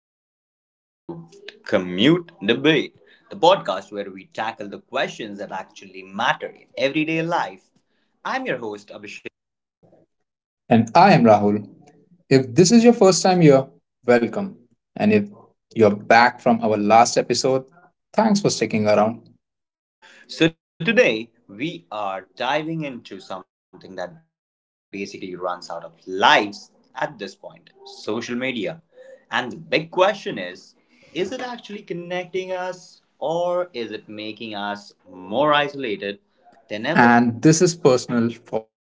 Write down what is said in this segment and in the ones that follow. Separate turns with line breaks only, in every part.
welcome back to Commute Debate, the podcast where we tackle the questions that actually matter in everyday life. I'm your host Abhishek.
And I am Rahul. If this is your first time here, welcome. And if you're back from our last episode, thanks for sticking around.
So today we are diving into something that basically runs out of lives at this point, social media. And the big question is it actually connecting us or is it making us more isolated than ever?
And this is personal for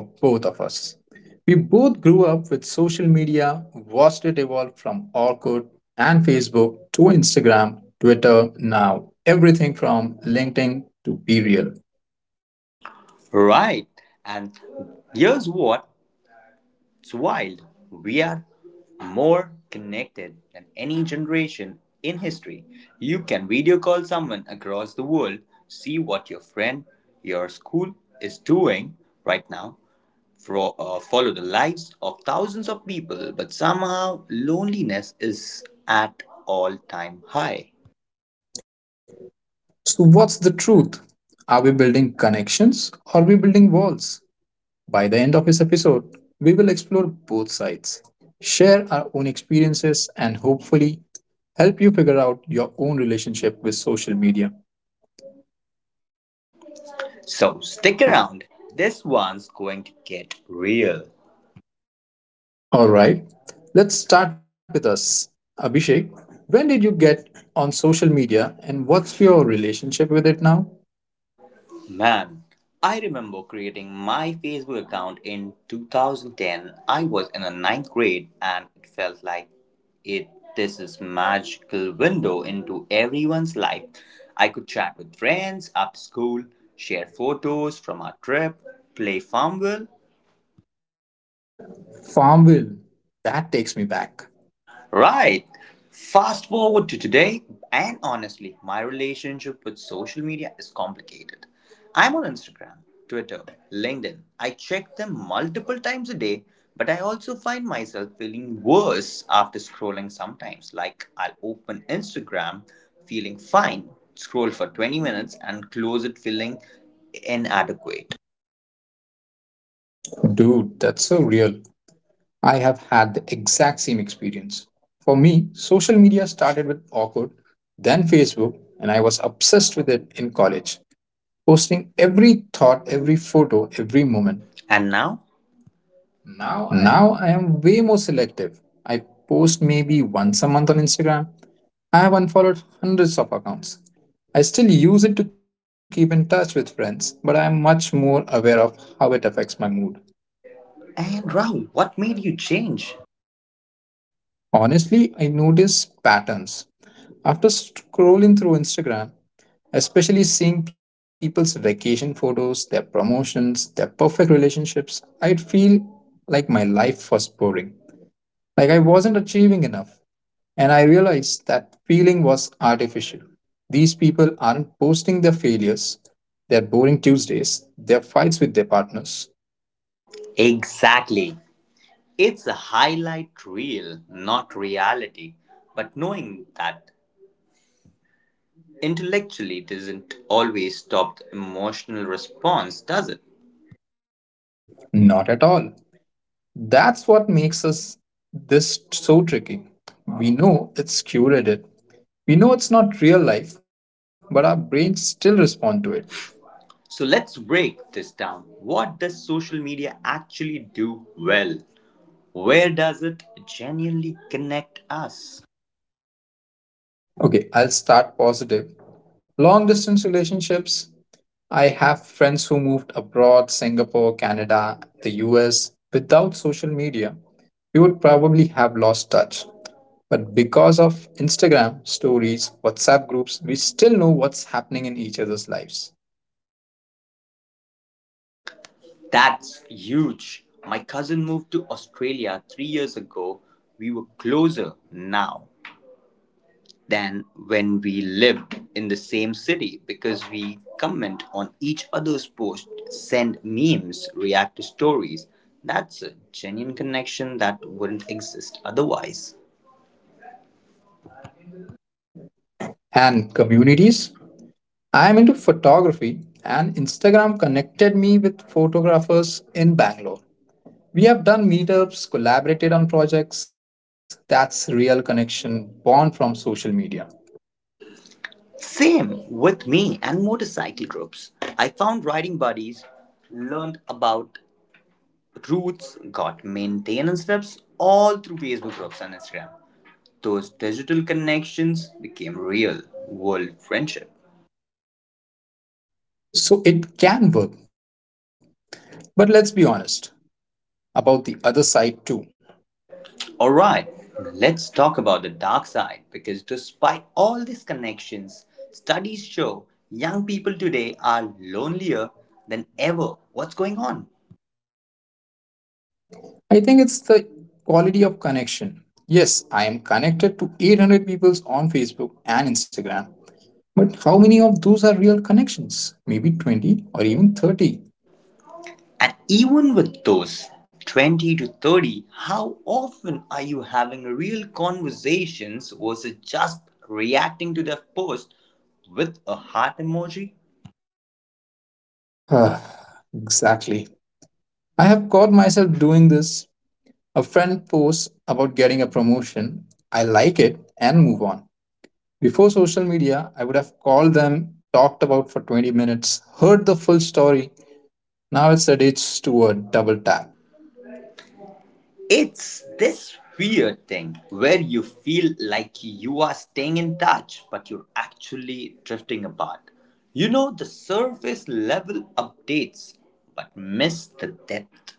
both of us. We both grew up with social media, watched it evolve from Orkut and Facebook to Instagram, Twitter, now everything from LinkedIn to Be Real.
Right. And here's what It's wild. We are more connected than any generation in history. You can video call someone across the world, see what your friend, your school is doing right now, follow the lives of thousands of people, but somehow loneliness is at all time high.
So, what's the truth? Are we building connections or are we building walls? By the end of this episode, we will explore both sides, share our own experiences, and hopefully help you figure out your own relationship with social media.
So stick around. This one's going to get real.
Alright, let's start with us. Abhishek, when did you get on social media and what's your relationship with it now?
Man, I remember creating my Facebook account in 2010. I was in the ninth grade and it felt like it this is magical window into everyone's life. I could chat with friends after school, share photos from our trip, play Farmville.
Farmville, that takes me back.
Right. Fast forward to today, and honestly, my relationship with social media is complicated. I'm on Instagram, Twitter, LinkedIn. I check them multiple times a day, but I also find myself feeling worse after scrolling sometimes. Like, I'll open Instagram feeling fine, scroll for 20 minutes, and close it feeling inadequate.
Dude, that's so real. I have had the exact same experience. For me, social media started with Awkward, then Facebook, and I was obsessed with it in college, posting every thought, every photo, every moment.
And now? Now I am.
Now I am way more selective. I post maybe once a month on Instagram. I have unfollowed hundreds of accounts. I still use it to keep in touch with friends, but I am much more aware of how it affects my mood.
And Raul, what made you change?
Honestly, I notice patterns. After scrolling through Instagram, especially seeing people's vacation photos, their promotions, their perfect relationships, I'd feel like my life was boring. Like I wasn't achieving enough. And I realized that feeling was artificial. These people aren't posting their failures, their boring Tuesdays, their fights with their partners.
Exactly. It's a highlight reel, not reality. But knowing that intellectually doesn't always stop the emotional response, does it?
Not at all. That's what makes us this so tricky. We know it's curated. We know it's not real life, but our brains still respond to it.
So let's break this down. What does social media actually do well? Where does it genuinely connect us?
Okay, I'll start positive. Long distance relationships. I have friends who moved abroad, Singapore, Canada, the US. Without social media, we would probably have lost touch. But because of Instagram stories, WhatsApp groups, we still know what's happening in each other's lives.
That's huge. My cousin moved to Australia 3 years ago. We were closer now than when we live in the same city because we comment on each other's posts, send memes, react to stories. That's a genuine connection that wouldn't exist otherwise.
And communities. I am into photography, and Instagram connected me with photographers in Bangalore. We have done meetups, collaborated on projects. That's real connection born from social media.
Same with me and motorcycle groups. I found riding buddies, learned about routes, got maintenance tips all through Facebook groups and Instagram. Those digital connections became real world friendship.
So it can work. But let's be honest about the other side too.
All right, let's talk about the dark side because despite all these connections, studies show young people today are lonelier than ever. What's going on?
I think it's the quality of connection. Yes, I am connected to 800 people on Facebook and Instagram. But how many of those are real connections? Maybe 20 or even 30.
And even with those 20 to 30, how often are you having real conversations versus just reacting to their post with a heart emoji?
Exactly. I have caught myself doing this. A friend posts about getting a promotion. I like it and move on. Before social media, I would have called them, talked about for 20 minutes, heard the full story. Now it's reduced to a double tap.
It's this weird thing where you feel like you are staying in touch, but you're actually drifting apart. You know the surface level updates, but miss the depth.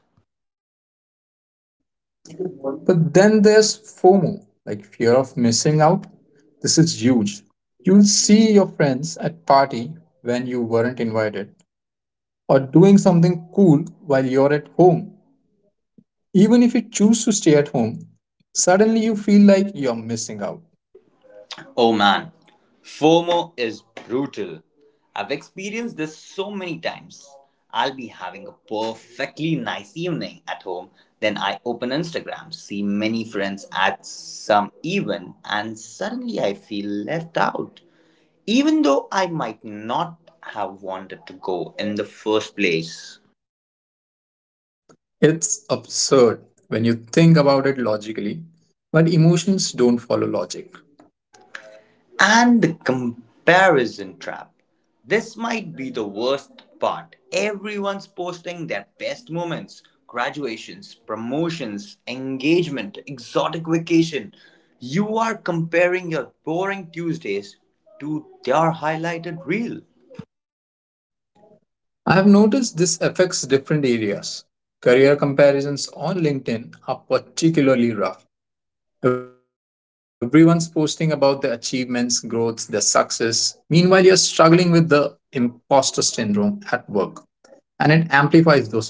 But then there's FOMO, like fear of missing out. This is huge. You'll see your friends at party when you weren't invited or doing something cool while you're at home. Even if you choose to stay at home, suddenly you feel like you're missing out.
Oh man, FOMO is brutal. I've experienced this so many times. I'll be having a perfectly nice evening at home, then I open Instagram, see many friends at some event, and suddenly I feel left out, even though I might not have wanted to go in the first place.
It's absurd when you think about it logically, but emotions don't follow logic.
And the comparison trap. This might be the worst part. Everyone's posting their best moments, graduations, promotions, engagement, exotic vacation. You are comparing your boring Tuesdays to their highlighted reel.
I have noticed this affects different areas. Career comparisons on LinkedIn are particularly rough. Everyone's posting about their achievements, growth, their success. Meanwhile, you're struggling with the imposter syndrome at work, and it amplifies those feelings.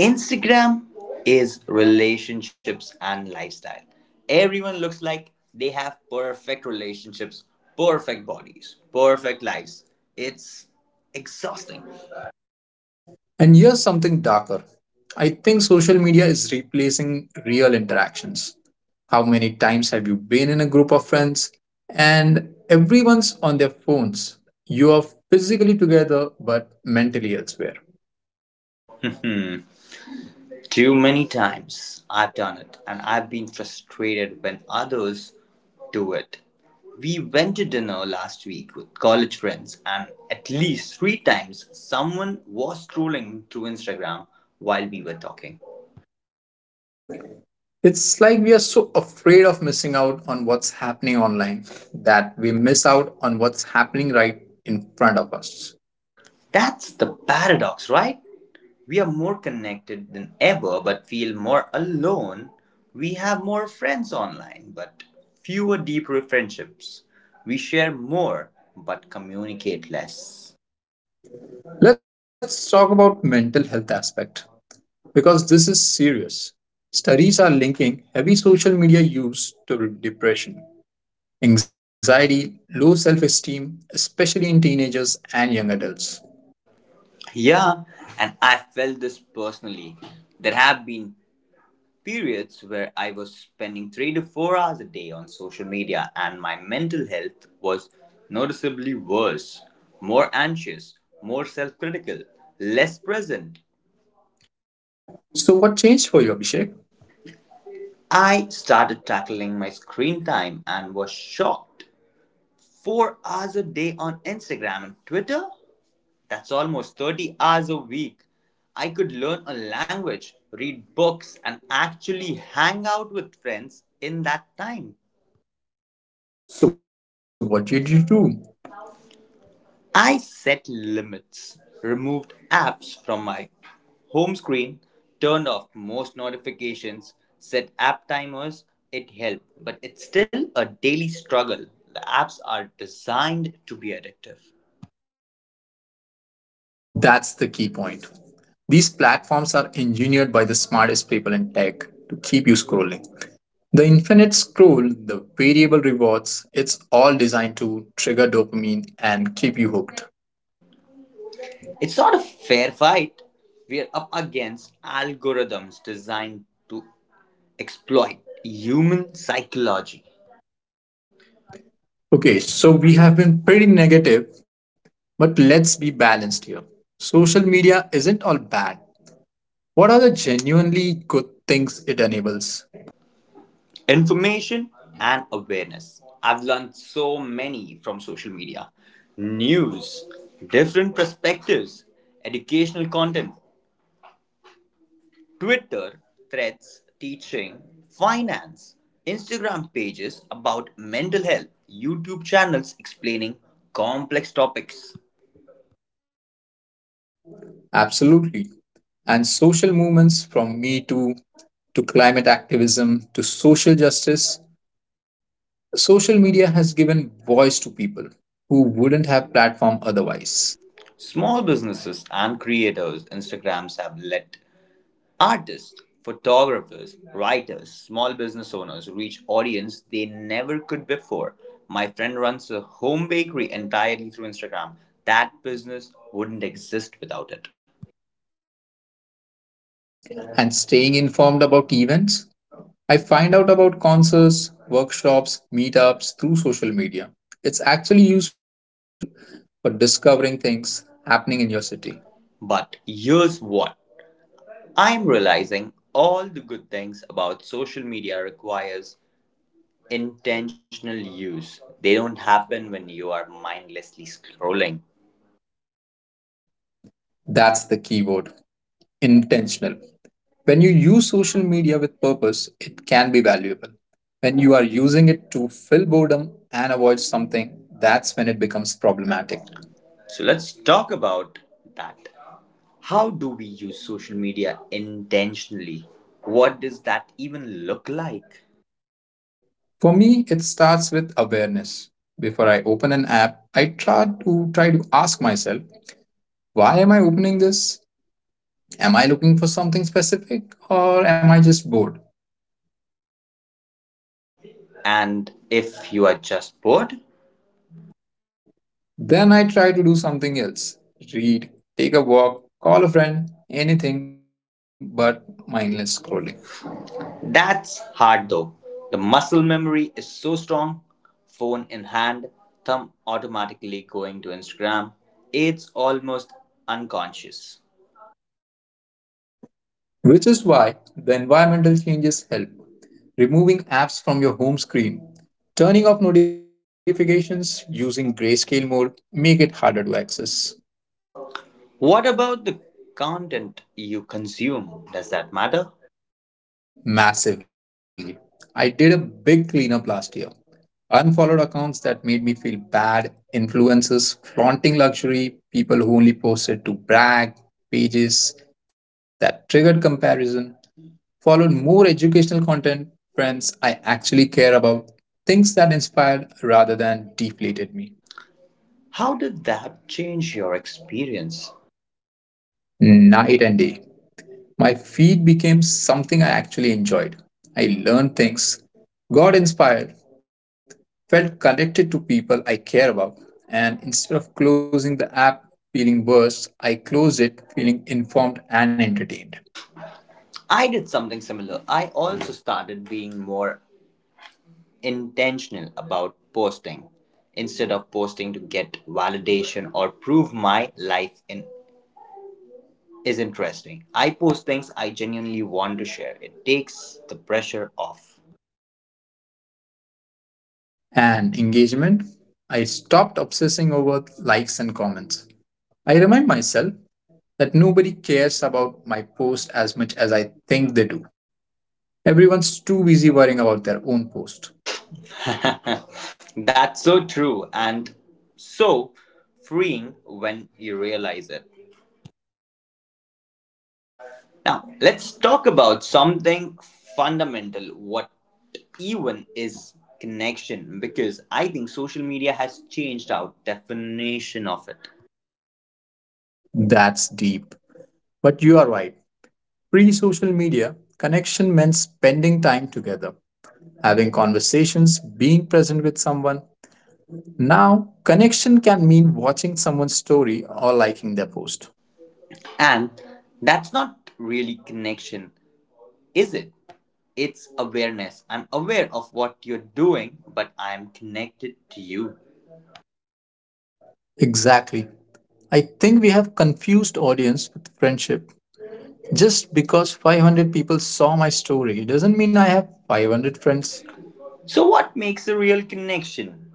Instagram is relationships and lifestyle. Everyone looks like they have perfect relationships, perfect bodies, perfect lives. It's exhausting.
And here's something darker. I think social media is replacing real interactions. How many times have you been in a group of friends and everyone's on their phones? You are physically together but mentally elsewhere.
Too many times I've done it and I've been frustrated when others do it. We went to dinner last week with college friends, and at least three times someone was scrolling through Instagram while we were talking.
It's like we are so afraid of missing out on what's happening online that we miss out on what's happening right in front of us.
That's the paradox, right? We are more connected than ever, but feel more alone. We have more friends online, but fewer deeper friendships. We share more, but communicate less.
Let's talk about mental health aspect, because this is serious. Studies are linking heavy social media use to depression, anxiety, low self esteem, especially in teenagers and young adults.
Yeah, and I felt this personally. There have been periods where I was spending 3 to 4 hours a day on social media, and my mental health was noticeably worse, more anxious, more self critical, less present.
So, what changed for you, Abhishek?
I started tackling my screen time and was shocked. 4 hours a day on Instagram and Twitter? That's almost 30 hours a week. I could learn a language, read books, and actually hang out with friends in that time.
So, what did you do?
I set limits, removed apps from my home screen, turned off most notifications, set app timers. It helped, but it's still a daily struggle. The apps are designed to be addictive.
That's the key point. These platforms are engineered by the smartest people in tech to keep you scrolling. The infinite scroll, the variable rewards, it's all designed to trigger dopamine and keep you hooked.
It's not a fair fight. We are up against algorithms designed to exploit human psychology.
Okay, so we have been pretty negative, but let's be balanced here. Social media isn't all bad. What are the genuinely good things it enables?
Information and awareness. I've learned so many from social media, news, different perspectives, educational content, Twitter, threads, teaching, finance, Instagram pages about mental health, YouTube channels explaining complex topics.
Absolutely. And social movements from Me Too to climate activism to social justice, social media has given voice to people who wouldn't have platform otherwise.
Small businesses and creators, Instagrams have let artists, photographers, writers, small business owners reach audience they never could before. My friend runs a home bakery entirely through Instagram. That business wouldn't exist without it.
And staying informed about events, I find out about concerts, workshops, meetups through social media. It's actually useful for discovering things happening in your city.
But here's what I'm realizing, all the good things about social media requires intentional use. They don't happen when you are mindlessly scrolling.
That's the keyword intentional. When you use social media with purpose, it can be valuable. When you are using it to fill boredom and avoid something, that's when it becomes problematic.
So let's talk about that. How do we use social media intentionally? What does that even look like?
For me, it starts with awareness. Before I open an app, I try to ask myself, why am I opening this? Am I looking for something specific or am I just bored?
And if you are just bored,
Then I try to do something else read, take a walk, call a friend, anything but mindless scrolling.
that's hard though. The muscle memory is so strong, phone in hand, thumb automatically going to Instagram. It's almost unconscious.
Which is why the environmental changes help. Removing apps from your home screen, turning off notifications using grayscale mode make it harder to access.
What about the content you consume? Does that matter?
Massively. I did a big cleanup last year. Unfollowed accounts that made me feel bad, influencers flaunting luxury, people who only posted to brag, pages that triggered comparison, followed more educational content, friends I actually care about, things that inspired rather than deflated me.
How did that change your experience?
Night and day. My feed became something I actually enjoyed. I learned things, got inspired, felt connected to people I care about. And instead of closing the app feeling worse, I closed it feeling informed and entertained.
I did something similar. I also started being more intentional about posting instead of posting to get validation or prove my life in, is interesting. I post things I genuinely want to share. It takes the pressure off.
And engagement, I stopped obsessing over likes and comments. I remind myself that nobody cares about my post as much as I think they do. Everyone's too busy worrying about their own post.
That's so true and so freeing when you realize it. Now, let's talk about something fundamental, what even is connection because I think social media has changed our definition of it.
That's deep. But you are right. Pre social media, connection meant spending time together, having conversations, being present with someone. Now, connection can mean watching someone's story or liking their post.
And that's not really connection, is it? It's awareness. I'm aware of what you're doing, but I'm connected to you.
Exactly. I think we have confused audience with friendship. Just because 500 people saw my story doesn't mean I have 500 friends.
So, what makes a real connection?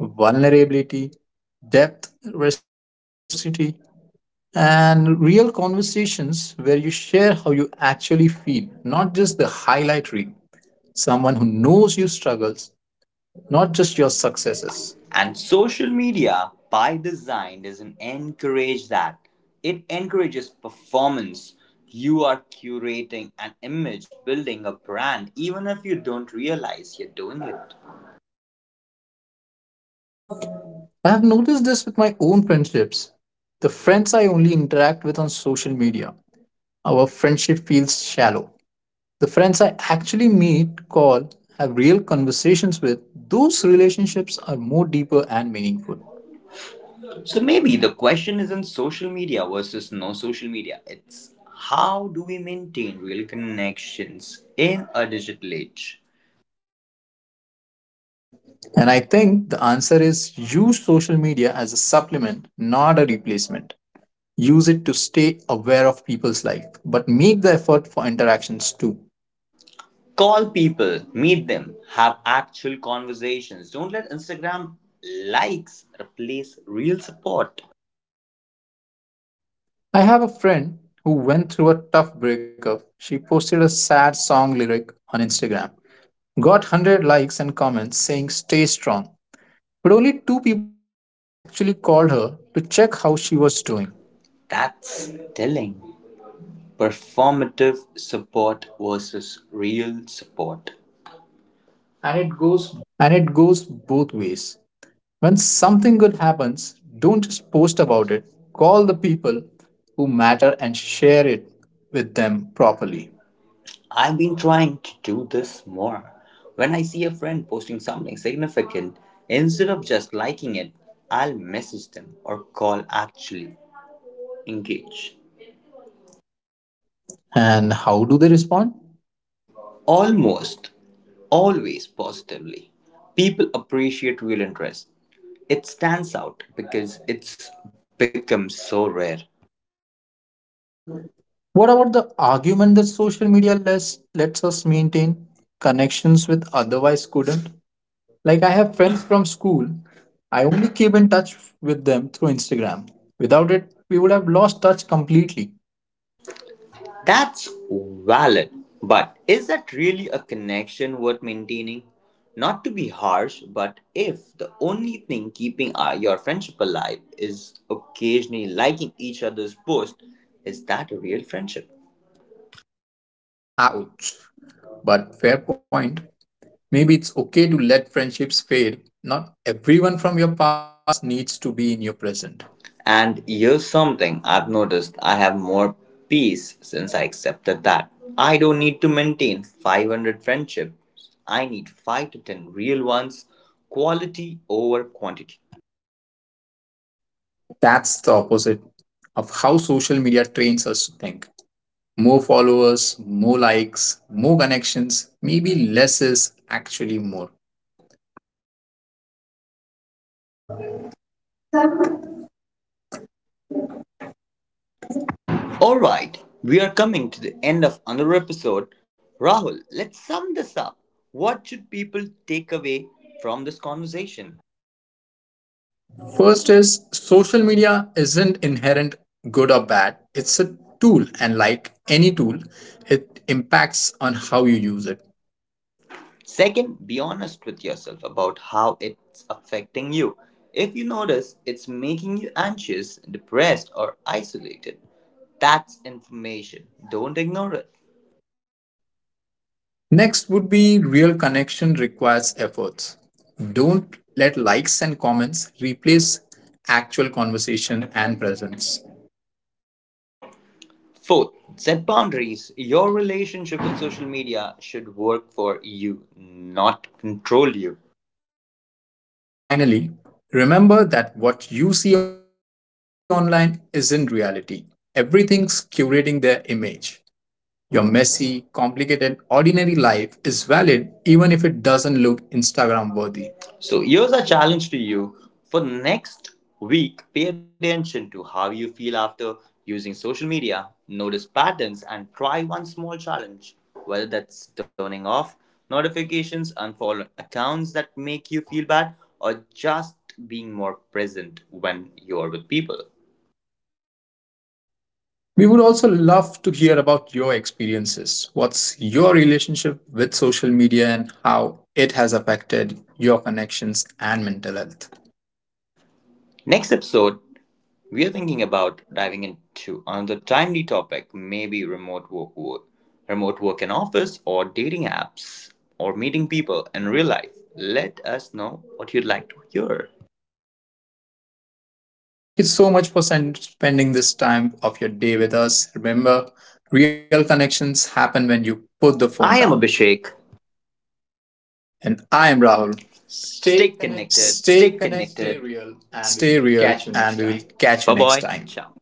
Vulnerability, depth, reciprocity, and real conversations where you share how you actually feel, not just the highlight reel. Someone who knows your struggles, not just your successes.
And social media, by design, doesn't encourage that. It encourages performance. You are curating an image, building a brand, even if you don't realize you're doing it.
I have noticed this with my own friendships. The friends I only interact with on social media, our friendship feels shallow. The friends I actually meet, call, have real conversations with, those relationships are more deeper and meaningful.
So maybe the question isn't social media versus no social media. It's, how do we maintain real connections in a digital age?
And I think the answer is use social media as a supplement, not a replacement. Use it to stay aware of people's life, but make the effort for interactions too.
Call people, meet them, have actual conversations. Don't let Instagram likes replace real support.
I have a friend who went through a tough breakup. She posted a sad song lyric on Instagram, got 100 likes and comments saying, Stay strong. But only two people actually called her to check how she was doing.
That's telling. Performative support versus real support. And it goes
And it goes both ways. When something good happens, don't just post about it, call the people who matter and share it with them properly.
I've been trying to do this more. When I see a friend posting something significant, instead of just liking it, I'll message them or call, actually engage.
And how do they respond?
Almost always positively. People appreciate real interest. It stands out because it's become so rare.
What about the argument that social media lets us maintain connections with otherwise couldn't? Like I have friends from school, I only keep in touch with them through Instagram. Without it, we would have lost touch completely.
That's valid, but is that really a connection worth maintaining? Not to be harsh, but if the only thing keeping your friendship alive is occasionally liking each other's posts, is that a real friendship?
Ouch. But fair point. Maybe it's okay to let friendships fade. Not everyone from your past needs to be in your present.
And here's something I've noticed, I have more peace since I accepted that. I don't need to maintain 500 friendships, I need 5 to 10 real ones, quality over quantity.
That's the opposite of how social media trains us to think. More followers, more likes, more connections, maybe less is actually more.
All right, we are coming to the end of another episode. Rahul, let's sum this up. What should people take away from this conversation?
First is social media isn't inherent good or bad. It's a tool, and like any tool, it impacts on how you use it.
Second, be honest with yourself about how it's affecting you. If you notice it's making you anxious, depressed, or isolated, that's information. Don't ignore it.
Next would be real connection requires efforts. Don't let likes and comments replace actual conversation and presence.
Fourth, set boundaries. Your relationship with social media should work for you, not control you.
And finally, remember that what you see online isn't reality. Everything's curating their image. Your messy, complicated, ordinary life is valid even if it doesn't look Instagram worthy.
So here's a challenge to you. For next week, pay attention to how you feel after using social media. Notice patterns and try one small challenge, whether that's turning off notifications, unfollow accounts that make you feel bad, or just being more present when you're with people.
We would also love to hear about your experiences. What's your relationship with social media and how it has affected your connections and mental health?
Next episode, we are thinking about diving into another timely topic, maybe remote work, in office, or dating apps, or meeting people in real life. Let us know what you'd like to hear.
Thank you so much for spending this time of your day with us. Remember, real connections happen when you put the phone
I
down.
am Abhishek.
And I am Rahul.
Stay connected.
Stay connected,
Stay
connected.
real, and we
stay
will
real,
catch you next
and we will
time.
catch you
Bye
next
bye.
time.
Ciao.